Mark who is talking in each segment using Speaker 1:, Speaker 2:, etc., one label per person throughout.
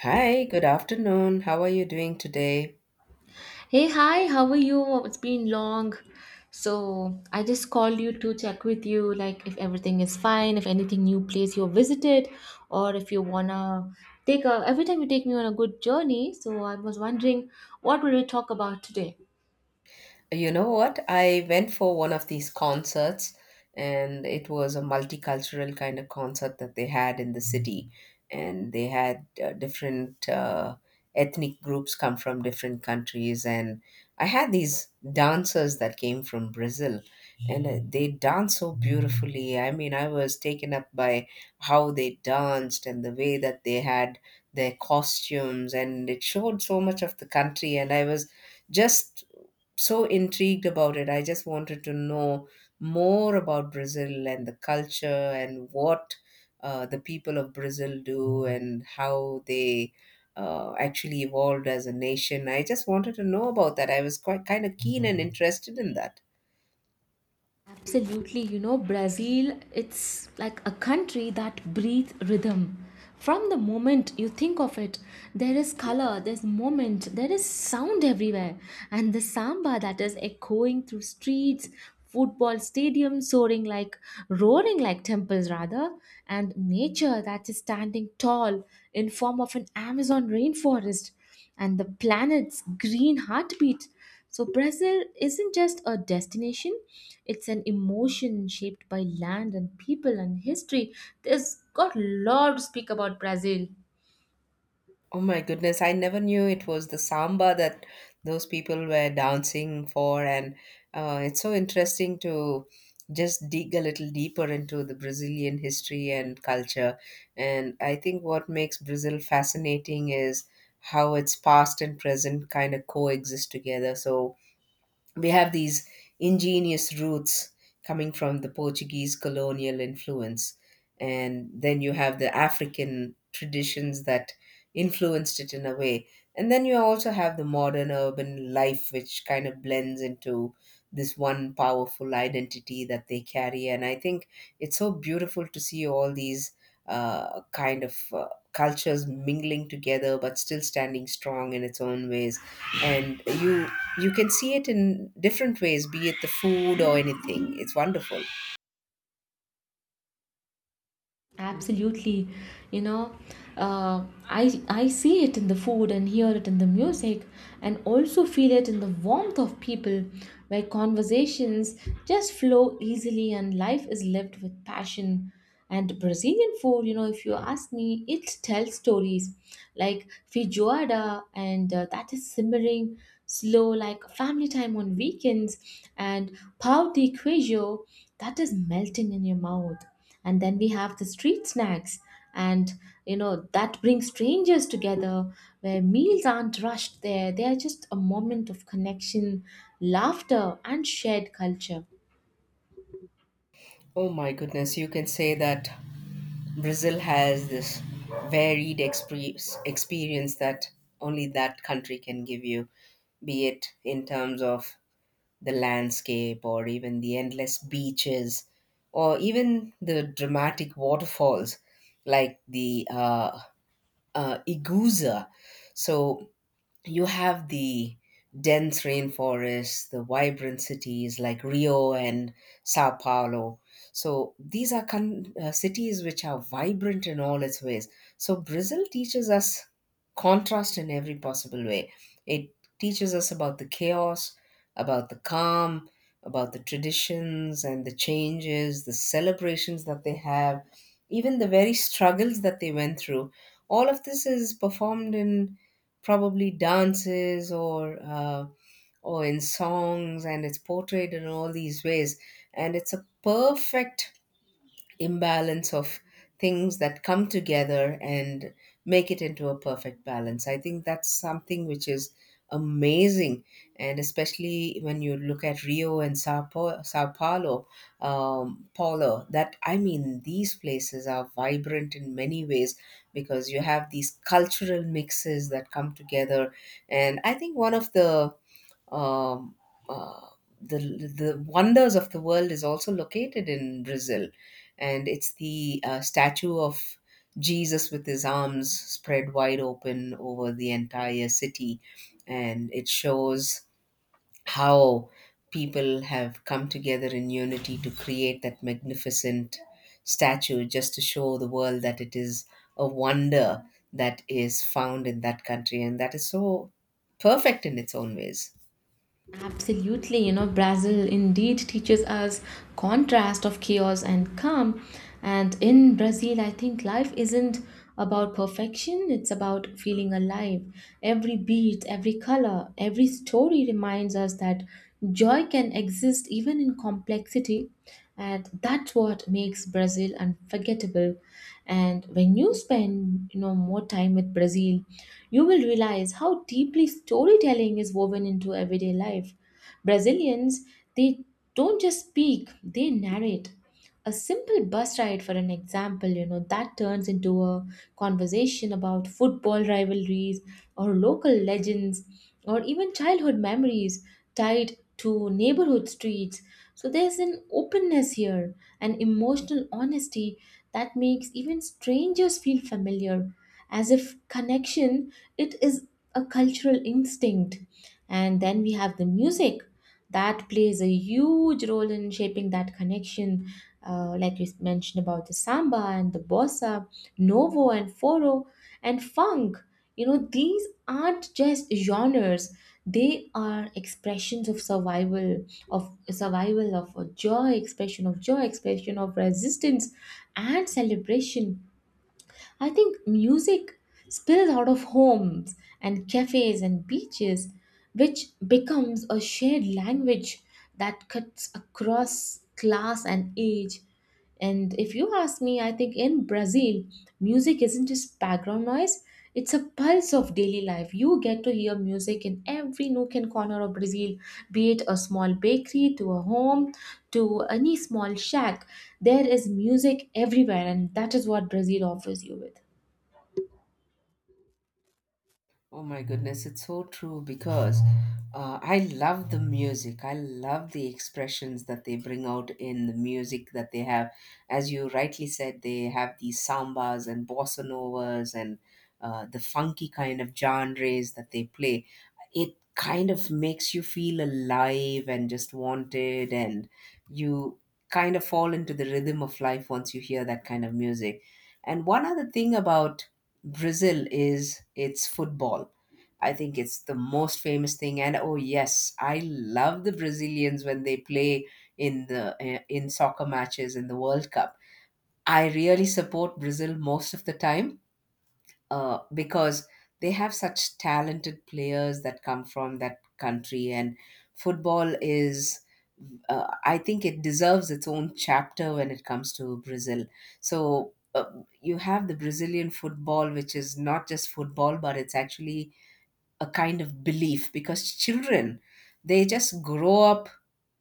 Speaker 1: Hi, good afternoon. How are you doing today?
Speaker 2: Hey, hi, how are you? Oh, it's been long. So, I just called you to check with you, like, if everything is fine, if anything new place you visited, or if you wanna take a every time you take me on a good journey. So, I was wondering what will we talk about today?
Speaker 1: You know what? I went for one of these concerts, and it was a multicultural kind of concert that they had in the city. And they had different ethnic groups come from different countries. And I had these dancers that came from Brazil, and they danced so beautifully. I mean, I was taken up by how they danced and the way that they had their costumes, and it showed so much of the country. And I was just so intrigued about it. I just wanted to know more about Brazil and the culture and what the people of Brazil do and how they actually evolved as a nation. I just wanted to know about that. I was quite kind of keen and interested in that.
Speaker 2: Absolutely, you know, Brazil, it's like a country that breathes rhythm. From the moment you think of it, there is color, there's moment, there is sound everywhere. And the samba that is echoing through streets, football stadiums soaring like, roaring like temples rather, and nature that is standing tall in form of an Amazon rainforest, and the planet's green heartbeat. So, Brazil isn't just a destination, it's an emotion shaped by land and people and history. There's got a lot to speak about Brazil.
Speaker 1: Oh my goodness, I never knew it was the samba that those people were dancing for. And it's so interesting to just dig a little deeper into the Brazilian history and culture. And I think what makes Brazil fascinating is how its past and present kind of coexist together. So we have these ingenious roots coming from the Portuguese colonial influence. And then you have the African traditions that influenced it in a way. And then you also have the modern urban life, which kind of blends into this one powerful identity that they carry. And I think it's so beautiful to see all these kind of cultures mingling together, but still standing strong in its own ways, and you can see it in different ways, be it the food or anything. It's wonderful.
Speaker 2: Absolutely, you know, I see it in the food and hear it in the music, and also feel it in the warmth of people, where conversations just flow easily and life is lived with passion. And Brazilian food, you know, if you ask me, it tells stories, like feijoada, and that is simmering slow, like family time on weekends, and pão de queijo, that is melting in your mouth. And then we have the street snacks, and you know that brings strangers together, where meals aren't rushed there, they are just a moment of connection, laughter, and shared culture.
Speaker 1: Oh my goodness, you can say that Brazil has this varied expre- experience that only that country can give you, be it in terms of the landscape or even the endless beaches or even the dramatic waterfalls like the Iguazu. So you have the dense rainforests, the vibrant cities like Rio and Sao Paulo. So these are cities which are vibrant in all its ways. So Brazil teaches us contrast in every possible way. It teaches us about the chaos, about the calm, about the traditions and the changes, the celebrations that they have, even the very struggles that they went through. All of this is performed in probably dances or in songs, and it's portrayed in all these ways, and it's a perfect imbalance of things that come together and make it into a perfect balance. I think that's something which is amazing, and especially when you look at Rio and Sao Paulo, That, I mean, these places are vibrant in many ways because you have these cultural mixes that come together, and I think one of the um, uh, the wonders of the world is also located in Brazil, and it's the statue of Jesus with his arms spread wide open over the entire city, and it shows how people have come together in unity to create that magnificent statue just to show the world that it is a wonder that is found in that country and that is so perfect in its own ways.
Speaker 2: Absolutely, you know, Brazil indeed teaches us contrast of chaos and calm. And in Brazil, I think life isn't about perfection, it's about feeling alive. Every beat, every color, every story reminds us that joy can exist even in complexity, and that's what makes Brazil unforgettable. And when you spend, you know, more time with Brazil, you will realize how deeply storytelling is woven into everyday life. Brazilians, they don't just speak, they narrate. A simple bus ride, for an example, you know, that turns into a conversation about football rivalries, or local legends, or even childhood memories tied to neighborhood streets. So there's an openness here, an emotional honesty that makes even strangers feel familiar, as if connection, it is a cultural instinct. And then we have the music that plays a huge role in shaping that connection, like we mentioned about the samba and the bossa novo and foro and funk. You know, these aren't just genres, they are expressions of survival, of survival of joy, expression of joy, expression of resistance and celebration. I think music spills out of homes and cafes and beaches, which becomes a shared language that cuts across class and age. And if you ask me, I think in Brazil, music isn't just background noise, it's a pulse of daily life. You get to hear music in every nook and corner of Brazil, be it a small bakery to a home to any small shack, there is music everywhere, and that is what Brazil offers you with.
Speaker 1: Oh my goodness, it's so true because I love the music. I love the expressions that they bring out in the music that they have. As you rightly said, they have these sambas and bossa novas and the funky kind of genres that they play. It kind of makes you feel alive and just wanted, and you kind of fall into the rhythm of life once you hear that kind of music. And one other thing about Brazil is its football. I think it's the most famous thing. And oh yes, I love the Brazilians when they play in in soccer matches in the World Cup. I really support Brazil most of the time because they have such talented players that come from that country, and football is, I think, it deserves its own chapter when it comes to Brazil. So you have the Brazilian football, which is not just football, but it's actually a kind of belief because children, they just grow up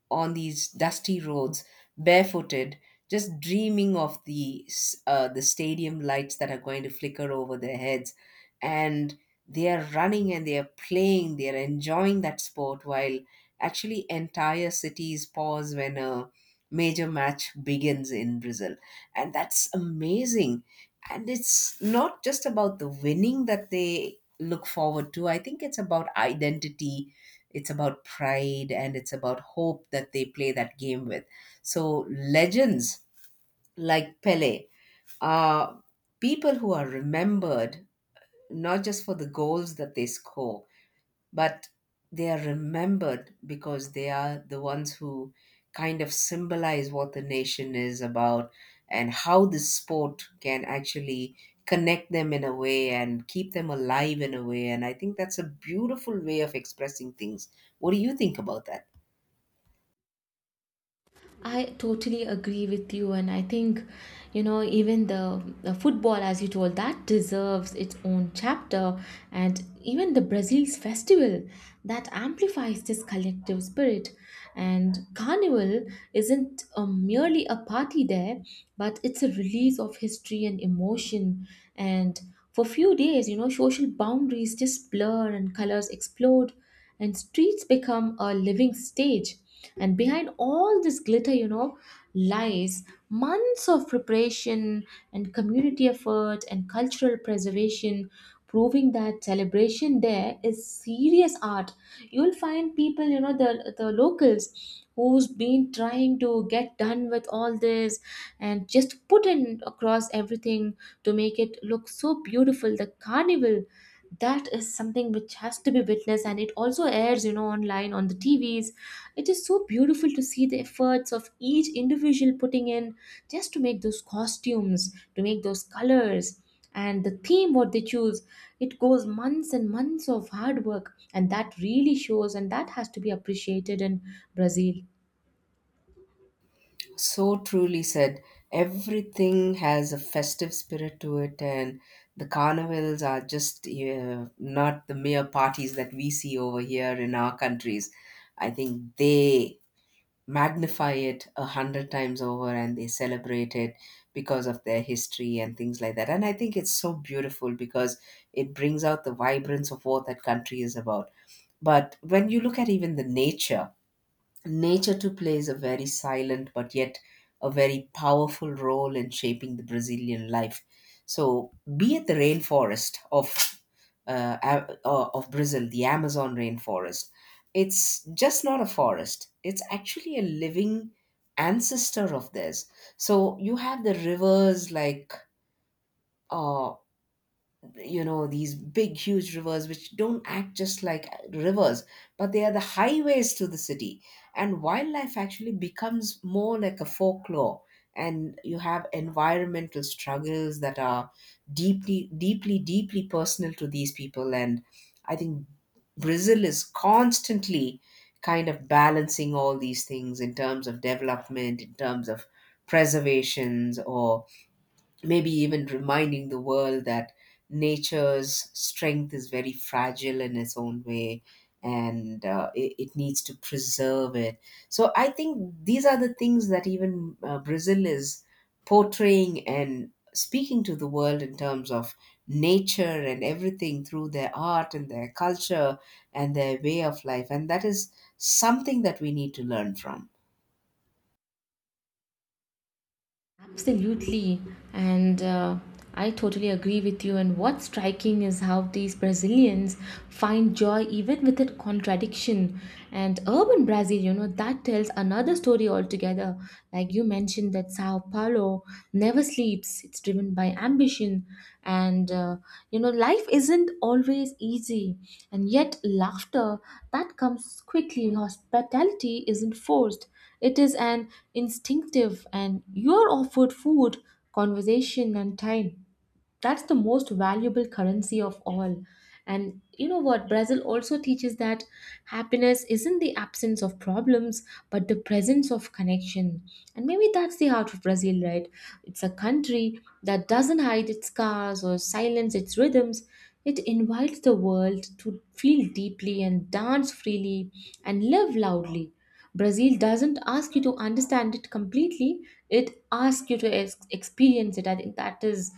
Speaker 1: on these dusty roads, barefooted, just dreaming of the stadium lights that are going to flicker over their heads, and they are running and they are playing, they are enjoying that sport, while actually entire cities pause when a major match begins in Brazil, and that's amazing. And it's not just about the winning that they look forward to. I think it's about identity, it's about pride, and it's about hope that they play that game with. So legends like Pele are people who are remembered not just for the goals that they score, but they are remembered because they are the ones who kind of symbolize what the nation is about and how the sport can actually connect them in a way and keep them alive in a way. And I think that's a beautiful way of expressing things. What do you think about that?
Speaker 2: I totally agree with you, and I think, you know, even the football, as you told, that deserves its own chapter, and even the Brazil's festival that amplifies this collective spirit. And Carnival isn't merely a party there, but it's a release of history and emotion. And for few days, you know, social boundaries just blur, and colors explode, and streets become a living stage. And behind all this glitter, you know, lies months of preparation and community effort and cultural preservation, proving that celebration there is serious art. You'll find people, you know, the locals who's been trying to get done with all this and just put in across everything to make it look so beautiful, the carnival. That is something which has to be witnessed, and it also airs, you know, online on the TVs. It is so beautiful to see the efforts of each individual putting in just to make those costumes, to make those colors and the theme what they choose. It goes months and months of hard work, and that really shows, and that has to be appreciated in Brazil.
Speaker 1: So truly said. Everything has a festive spirit to it, and the carnivals are just not the mere parties that we see over here in our countries. I think they magnify it a hundred times over and they celebrate it because of their history and things like that. And I think it's so beautiful because it brings out the vibrance of what that country is about. But when you look at even the nature, nature too plays a very silent but yet a very powerful role in shaping the Brazilian life. So be it the rainforest of of Brazil, the Amazon rainforest, it's just not a forest. It's actually a living ancestor of theirs. So you have the rivers like uh, you know, these big huge rivers, which don't act just like rivers, but they are the highways to the city, and wildlife actually becomes more like a folklore, and you have environmental struggles that are deeply personal to these people, and I think Brazil is constantly kind of balancing all these things in terms of development, in terms of preservations, or maybe even reminding the world that nature's strength is very fragile in its own way, and it needs to preserve it. So I think these are the things that even Brazil is portraying and speaking to the world in terms of nature and everything through their art and their culture and their way of life. And that is something that we need to learn from.
Speaker 2: Absolutely, and I totally agree with you. And what's striking is how these Brazilians find joy even within contradiction. And urban Brazil, you know, that tells another story altogether. Like you mentioned, that Sao Paulo never sleeps leaps, it's driven by ambition, and you know, life isn't always easy, and yet laughter that comes quickly, hospitality isn't forced, it is an instinctive, and you're offered food, conversation, and time, that's the most valuable currency of all. And you know what, Brazil also teaches that happiness isn't the absence of problems, but the presence of connection. And maybe that's the heart of Brazil, right? It's a country that doesn't hide its scars or silence its rhythms, it invites the world to feel deeply and dance freely and live loudly. Brazil doesn't ask you to understand it completely, it asks you to experience it. I think that is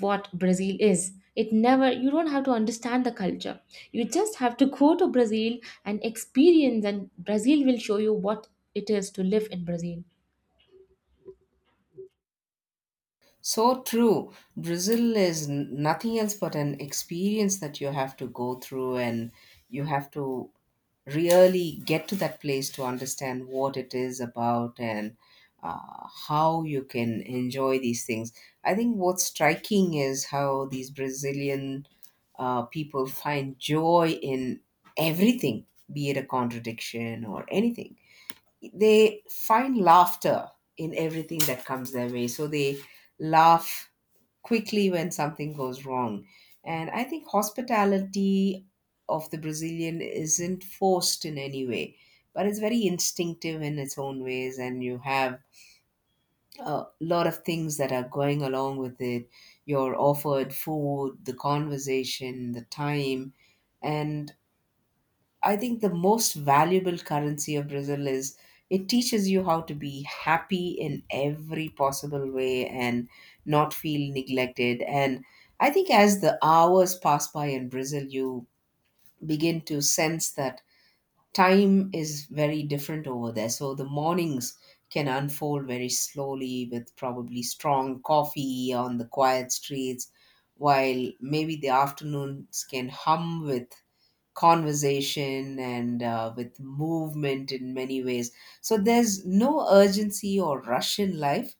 Speaker 2: what Brazil is. It never, you don't have to understand the culture. You just have to go to Brazil and experience, and Brazil will show you what it is to live in Brazil.
Speaker 1: So true. Brazil is nothing else but an experience that you have to go through, and you have to really get to that place to understand what it is about, and how you can enjoy these things. I think what's striking is how these Brazilian people find joy in everything, be it a contradiction or anything. They find laughter in everything that comes their way. So they laugh quickly when something goes wrong. And I think hospitality of the Brazilian isn't forced in any way, but it's very instinctive in its own ways, and you have a lot of things that are going along with it. You're offered food, the conversation, the time, and I think the most valuable currency of Brazil is it teaches you how to be happy in every possible way and not feel neglected. And I think as the hours pass by in Brazil, you begin to sense that time is very different over there. So the mornings can unfold very slowly with probably strong coffee on the quiet streets, while maybe the afternoons can hum with conversation and with movement in many ways. So there's no urgency or rush in life,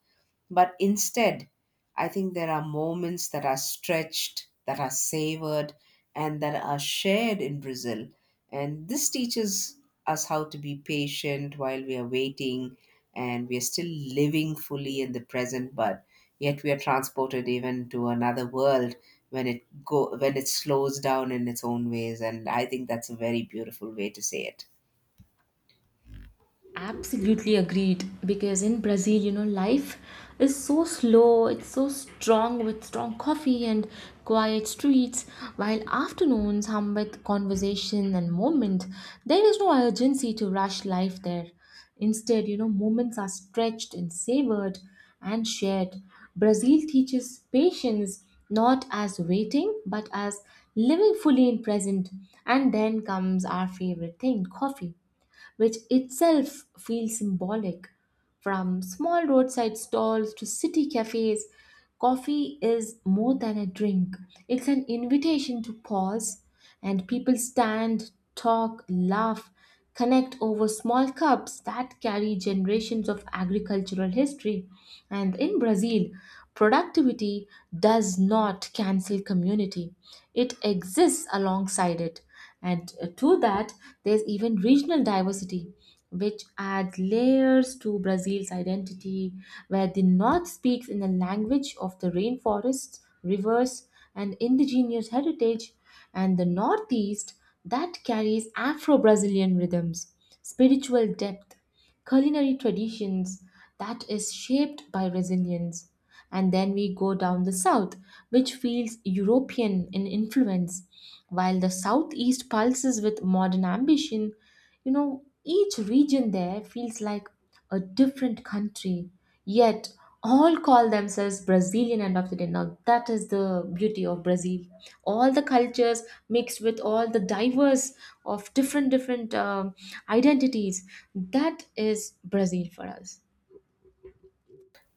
Speaker 1: but instead, I think there are moments that are stretched, that are savored, and that are shared in Brazil. And this teaches us how to be patient while we are waiting and we are still living fully in the present, but yet we are transported even to another world when it slows down in its own ways, and I think that's a very beautiful way to say it.
Speaker 2: Absolutely agreed. Because in Brazil, you know, life is so slow, it's so strong with strong coffee and quiet streets, while afternoons hum with conversation and moment. There is no urgency to rush life there. Instead, you know, moments are stretched and savored and shared. Brazil teaches patience not as waiting but as living fully in present. And then comes our favorite thing, coffee, which itself feels symbolic. From small roadside stalls to city cafes, coffee is more than a drink. It's an invitation to pause, and people stand, talk, laugh, connect over small cups that carry generations of agricultural history. And in Brazil, productivity does not cancel community, it exists alongside it. And to that, there's even regional diversity, which adds layers to Brazil's identity, where the north speaks in the language of the rainforests, rivers, and indigenous heritage, and the northeast that carries Afro Brazilian rhythms, spiritual depth, culinary traditions that is shaped by resilience. And then we go down the south, which feels European in influence, while the southeast pulses with modern ambition. You know, each region there feels like a different country, yet all call themselves Brazilian end of the day. Now, that is the beauty of Brazil. All the cultures mixed with all the diverse of different identities. That is Brazil for us.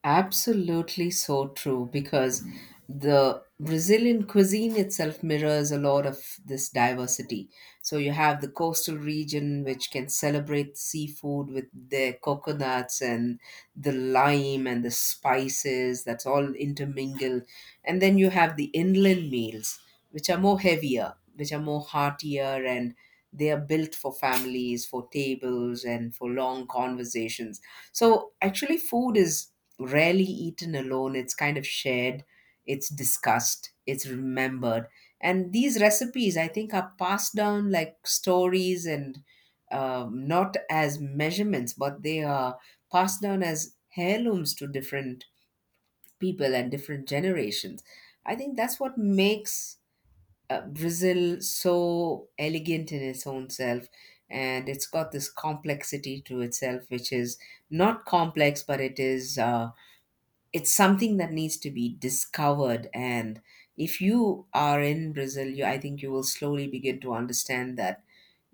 Speaker 1: Absolutely so true because the Brazilian cuisine itself mirrors a lot of this diversity. So you have the coastal region, which can celebrate seafood with their coconuts and the lime and the spices that's all intermingled. And then you have the inland meals, which are more heavier, which are more heartier, and they are built for families, for tables, and for long conversations. So actually, food is rarely eaten alone. It's kind of shared, it's discussed, it's remembered. And these recipes, I think, are passed down like stories and not as measurements, but they are passed down as heirlooms to different people and different generations. I think that's what makes Brazil so elegant in its own self, and it's got this complexity to itself, which is not complex, but it's something that needs to be discovered. And if you are in Brazil, you I think you will slowly begin to understand that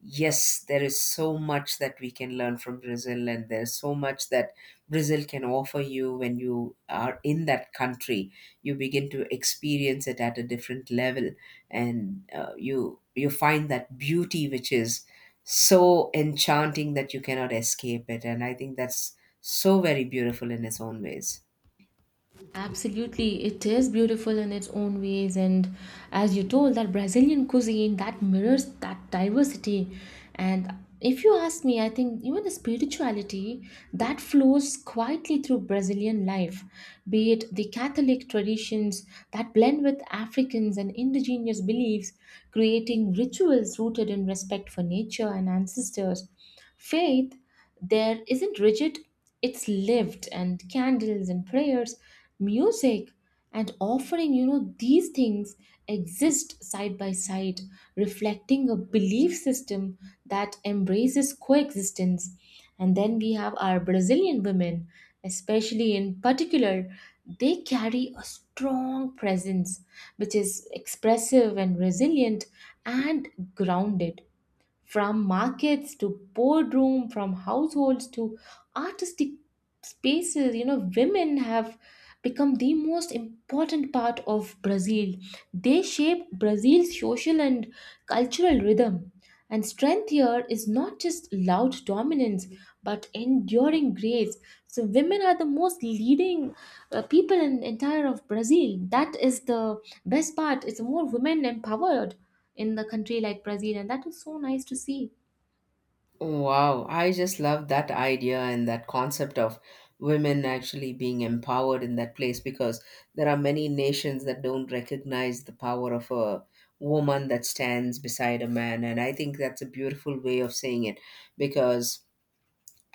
Speaker 1: yes, there is so much that we can learn from Brazil, and there's so much that Brazil can offer you when you are in that country. You begin to experience it at a different level, and you find that beauty which is so enchanting that you cannot escape it. And I think that's so very beautiful in its own ways.
Speaker 2: Absolutely, it is beautiful in its own ways, and as you told, that Brazilian cuisine that mirrors that diversity. And if you ask me, I think even the spirituality that flows quietly through Brazilian life, be it the Catholic traditions that blend with Africans and indigenous beliefs, creating rituals rooted in respect for nature and ancestors. Faith there isn't rigid, it's lived, and candles and prayers, music, and offering, you know, these things exist side by side, reflecting a belief system that embraces coexistence. And then we have our Brazilian women, especially in particular, they carry a strong presence which is expressive and resilient and grounded. From markets to boardroom, from households to artistic spaces, you know, women have become the most important part of Brazil. They shape Brazil's social and cultural rhythm. And strength here is not just loud dominance, but enduring grace. So women are the most leading people in entire of Brazil. That is the best part. It's more women empowered in the country like Brazil, and that is so nice to see.
Speaker 1: Wow, I just love that idea and that concept of women actually being empowered in that place because there are many nations that don't recognize the power of a woman that stands beside a man. And I think that's a beautiful way of saying it because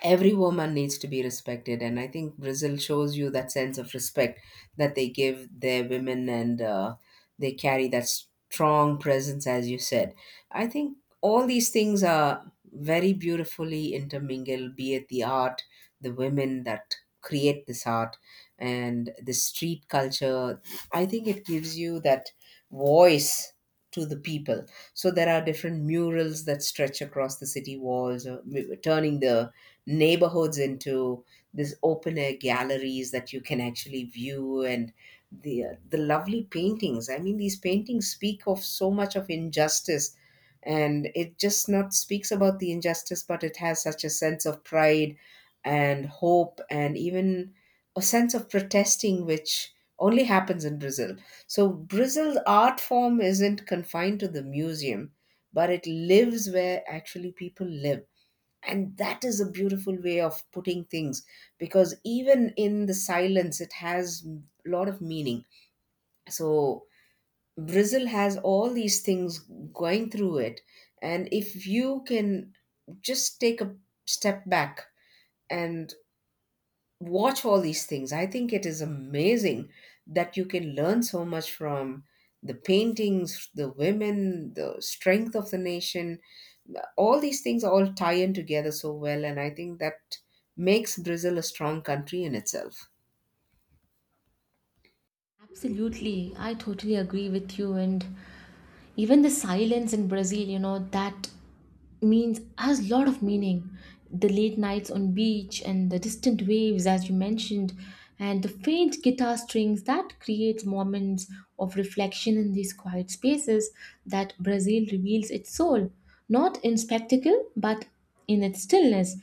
Speaker 1: every woman needs to be respected, and I think Brazil shows you that sense of respect that they give their women. And they carry that strong presence, as you said. I think all these things are very beautifully intermingled, be it the art, the women that create this art and the street culture. I think it gives you that voice to the people. So there are different murals that stretch across the city walls, turning the neighborhoods into this open air galleries that you can actually view. And the lovely paintings, I mean, these paintings speak of so much of injustice, and it just not speaks about the injustice, but it has such a sense of pride and hope and even a sense of protesting, which only happens in Brazil. So Brazil's art form isn't confined to the museum, but it lives where actually people live, and that is a beautiful way of putting things, because even in the silence it has a lot of meaning. So Brazil has all these things going through it, and if you can just take a step back and watch all these things, I think it is amazing that you can learn so much from the paintings, the women, the strength of the nation. All these things all tie in together so well, and I think that makes Brazil a strong country in itself.
Speaker 2: Absolutely, I totally agree with you. And even the silence in Brazil, you know, that means has a lot of meaning. The late nights on beach and the distant waves, as you mentioned, and the faint guitar strings that creates moments of reflection in these quiet spaces that Brazil reveals its soul, not in spectacle, but in its stillness.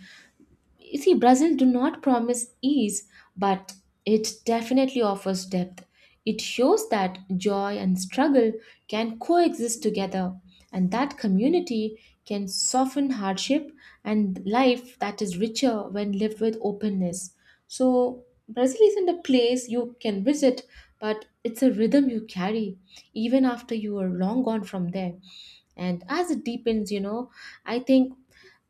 Speaker 2: You see, Brazil do not promise ease, but it definitely offers depth. It shows that joy and struggle can coexist together, and that community can soften hardship and life that is richer when lived with openness. So, Brazil isn't a place you can visit, but it's a rhythm you carry even after you are long gone from there. And as it deepens, you know, I think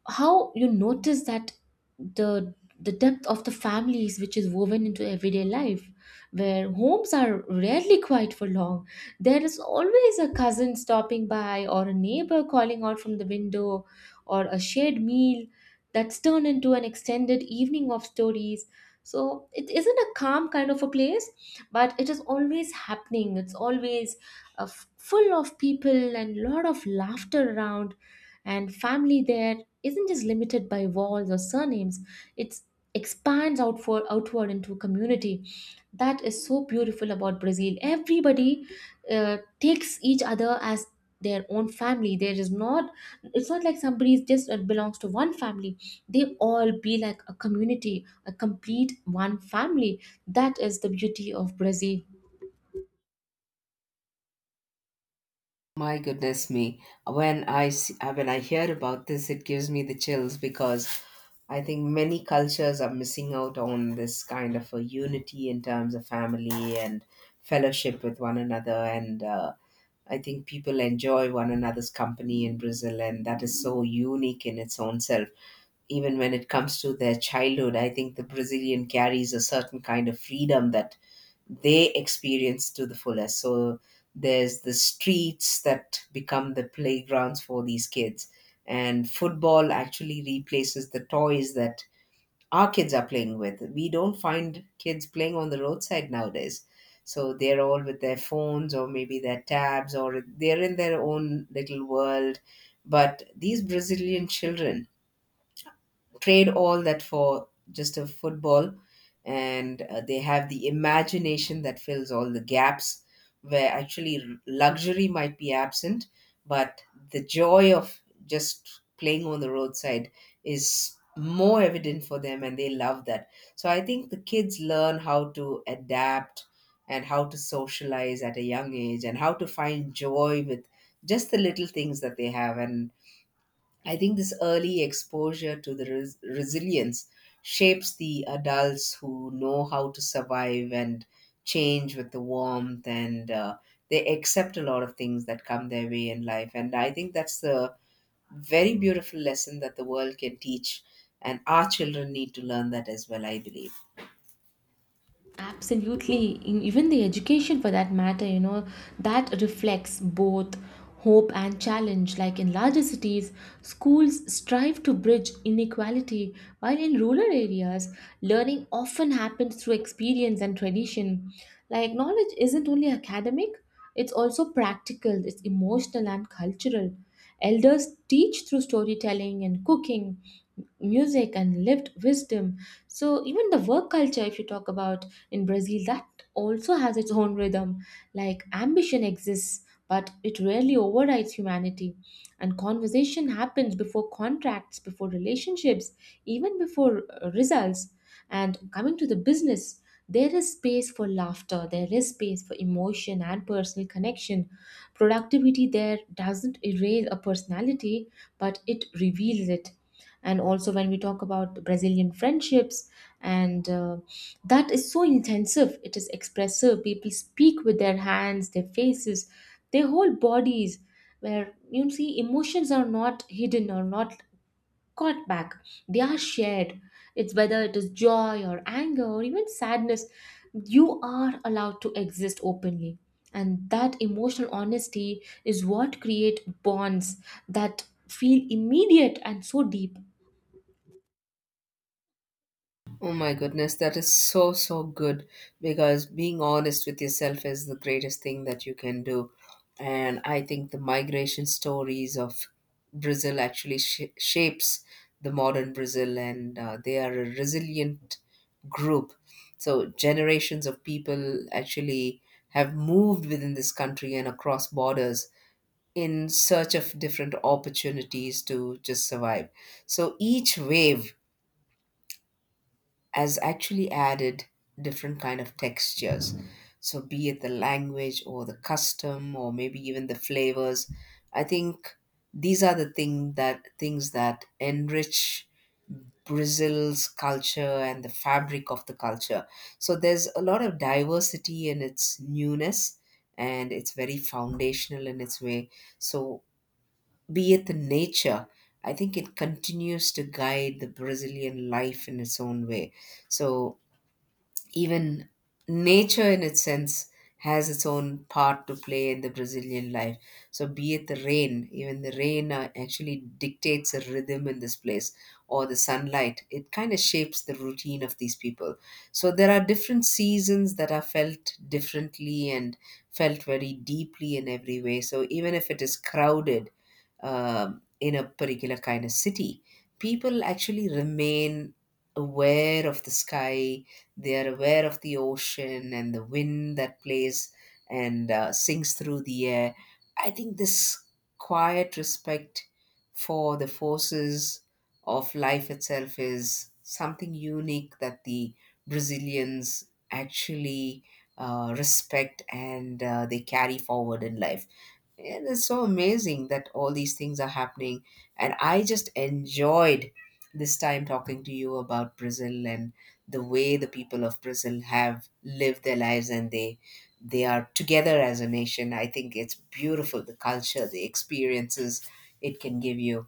Speaker 2: how you notice that the the depth of the families which is woven into everyday life, where homes are rarely quiet for long. There is always a cousin stopping by, or a neighbor calling out from the window, or a shared meal that's turned into an extended evening of stories. So it isn't a calm kind of a place, but it is always happening, it's always full of people and lot of laughter around. And family there isn't just limited by walls or surnames, it expands outward into a community. That is so beautiful about Brazil, everybody takes each other as their own family. There is not, it's not like somebody is just belongs to one family, they all be like a community, a complete one family. That is the beauty of Brazil.
Speaker 1: My goodness me. When when I hear about this, it gives me the chills because I think many cultures are missing out on this kind of a unity in terms of family and fellowship with one another. And I think people enjoy one another's company in Brazil, and that is so unique in its own self. Even when it comes to their childhood, I think the Brazilian carries a certain kind of freedom that they experience to the fullest. So there's the streets that become the playgrounds for these kids, and football actually replaces the toys that our kids are playing with. We don't find kids playing on the roadside nowadays, so they're all with their phones or maybe their tabs or they're in their own little world. But these Brazilian children trade all that for just a football, and they have the imagination that fills all the gaps where actually luxury might be absent. But the joy of just playing on the roadside is more evident for them, and they love that. So I think the kids learn how to adapt and how to socialize at a young age and how to find joy with just the little things that they have. And I think this early exposure to the resilience shapes the adults who know how to survive and change with the warmth, and they accept a lot of things that come their way in life. And I think that's the very beautiful lesson that the world can teach, and our children need to learn that as well, I believe.
Speaker 2: Absolutely. Even the education, for that matter, you know, that reflects both hope and challenge. Like in larger cities, schools strive to bridge inequality, while in rural areas, learning often happens through experience and tradition. Like knowledge isn't only academic, it's also practical, it's emotional and cultural. Elders teach through storytelling and cooking, music and lived wisdom. So even the work culture, if you talk about in Brazil, that also has its own rhythm. Like ambition exists, but it rarely overrides humanity. And conversation happens before contracts, before relationships, even before results. And coming to the business, there is space for laughter, there is space for emotion and personal connection. Productivity there doesn't erase a personality, but it reveals it. And also when we talk about Brazilian friendships and that is so intensive, it is expressive, people speak with their hands, their faces, their whole bodies, where you see emotions are not hidden or not caught back, they are shared. It's whether it is joy or anger or even sadness, you are allowed to exist openly, and that emotional honesty is what create bonds that feel immediate and so deep.
Speaker 1: Oh my goodness, that is so, so good, because being honest with yourself is the greatest thing that you can do. And I think the migration stories of Brazil actually shapes the modern Brazil, and they are a resilient group. So generations of people actually have moved within this country and across borders in search of different opportunities to just survive. So each wave has actually added different kind of textures, so be it the language or the custom or maybe even the flavors. I think these are the things that enrich Brazil's culture and the fabric of the culture. So there's a lot of diversity in its newness, and it's very foundational in its way. So be it the nature, I think it continues to guide the Brazilian life in its own way. So even nature in its sense has its own part to play in the Brazilian life. So, be it the rain, even the rain actually dictates a rhythm in this place, or the sunlight, it kind of shapes the routine of these people. So there are different seasons that are felt differently and felt very deeply in every way. So, even if it is crowded in a particular kind of city, people actually remain aware of the sky, they are aware of the ocean and the wind that plays and sings through the air. I think this quiet respect for the forces of life itself is something unique that the Brazilians actually respect and they carry forward in life. It is so amazing that all these things are happening. And I just enjoyed this time talking to you about Brazil and the way the people of Brazil have lived their lives, and they are together as a nation. I think it's beautiful, the culture, the experiences it can give you.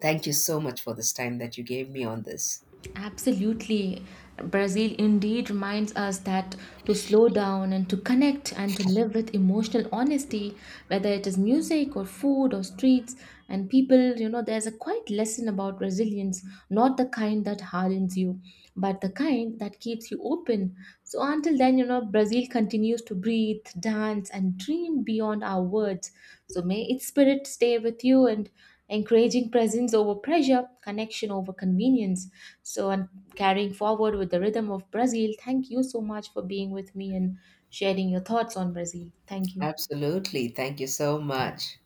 Speaker 1: Thank you so much for this time that you gave me on this.
Speaker 2: Absolutely. Brazil indeed reminds us that to slow down and to connect and to live with emotional honesty, whether it is music or food or streets and people, you know, there's a quiet lesson about resilience, not the kind that hardens you, but the kind that keeps you open. So until then, you know, Brazil continues to breathe, dance, and dream beyond our words. So may its spirit stay with you and encouraging presence over pressure, connection over convenience. So, and carrying forward with the rhythm of Brazil, thank you so much for being with me and sharing your thoughts on Brazil. Thank you.
Speaker 1: Absolutely. Thank you so much.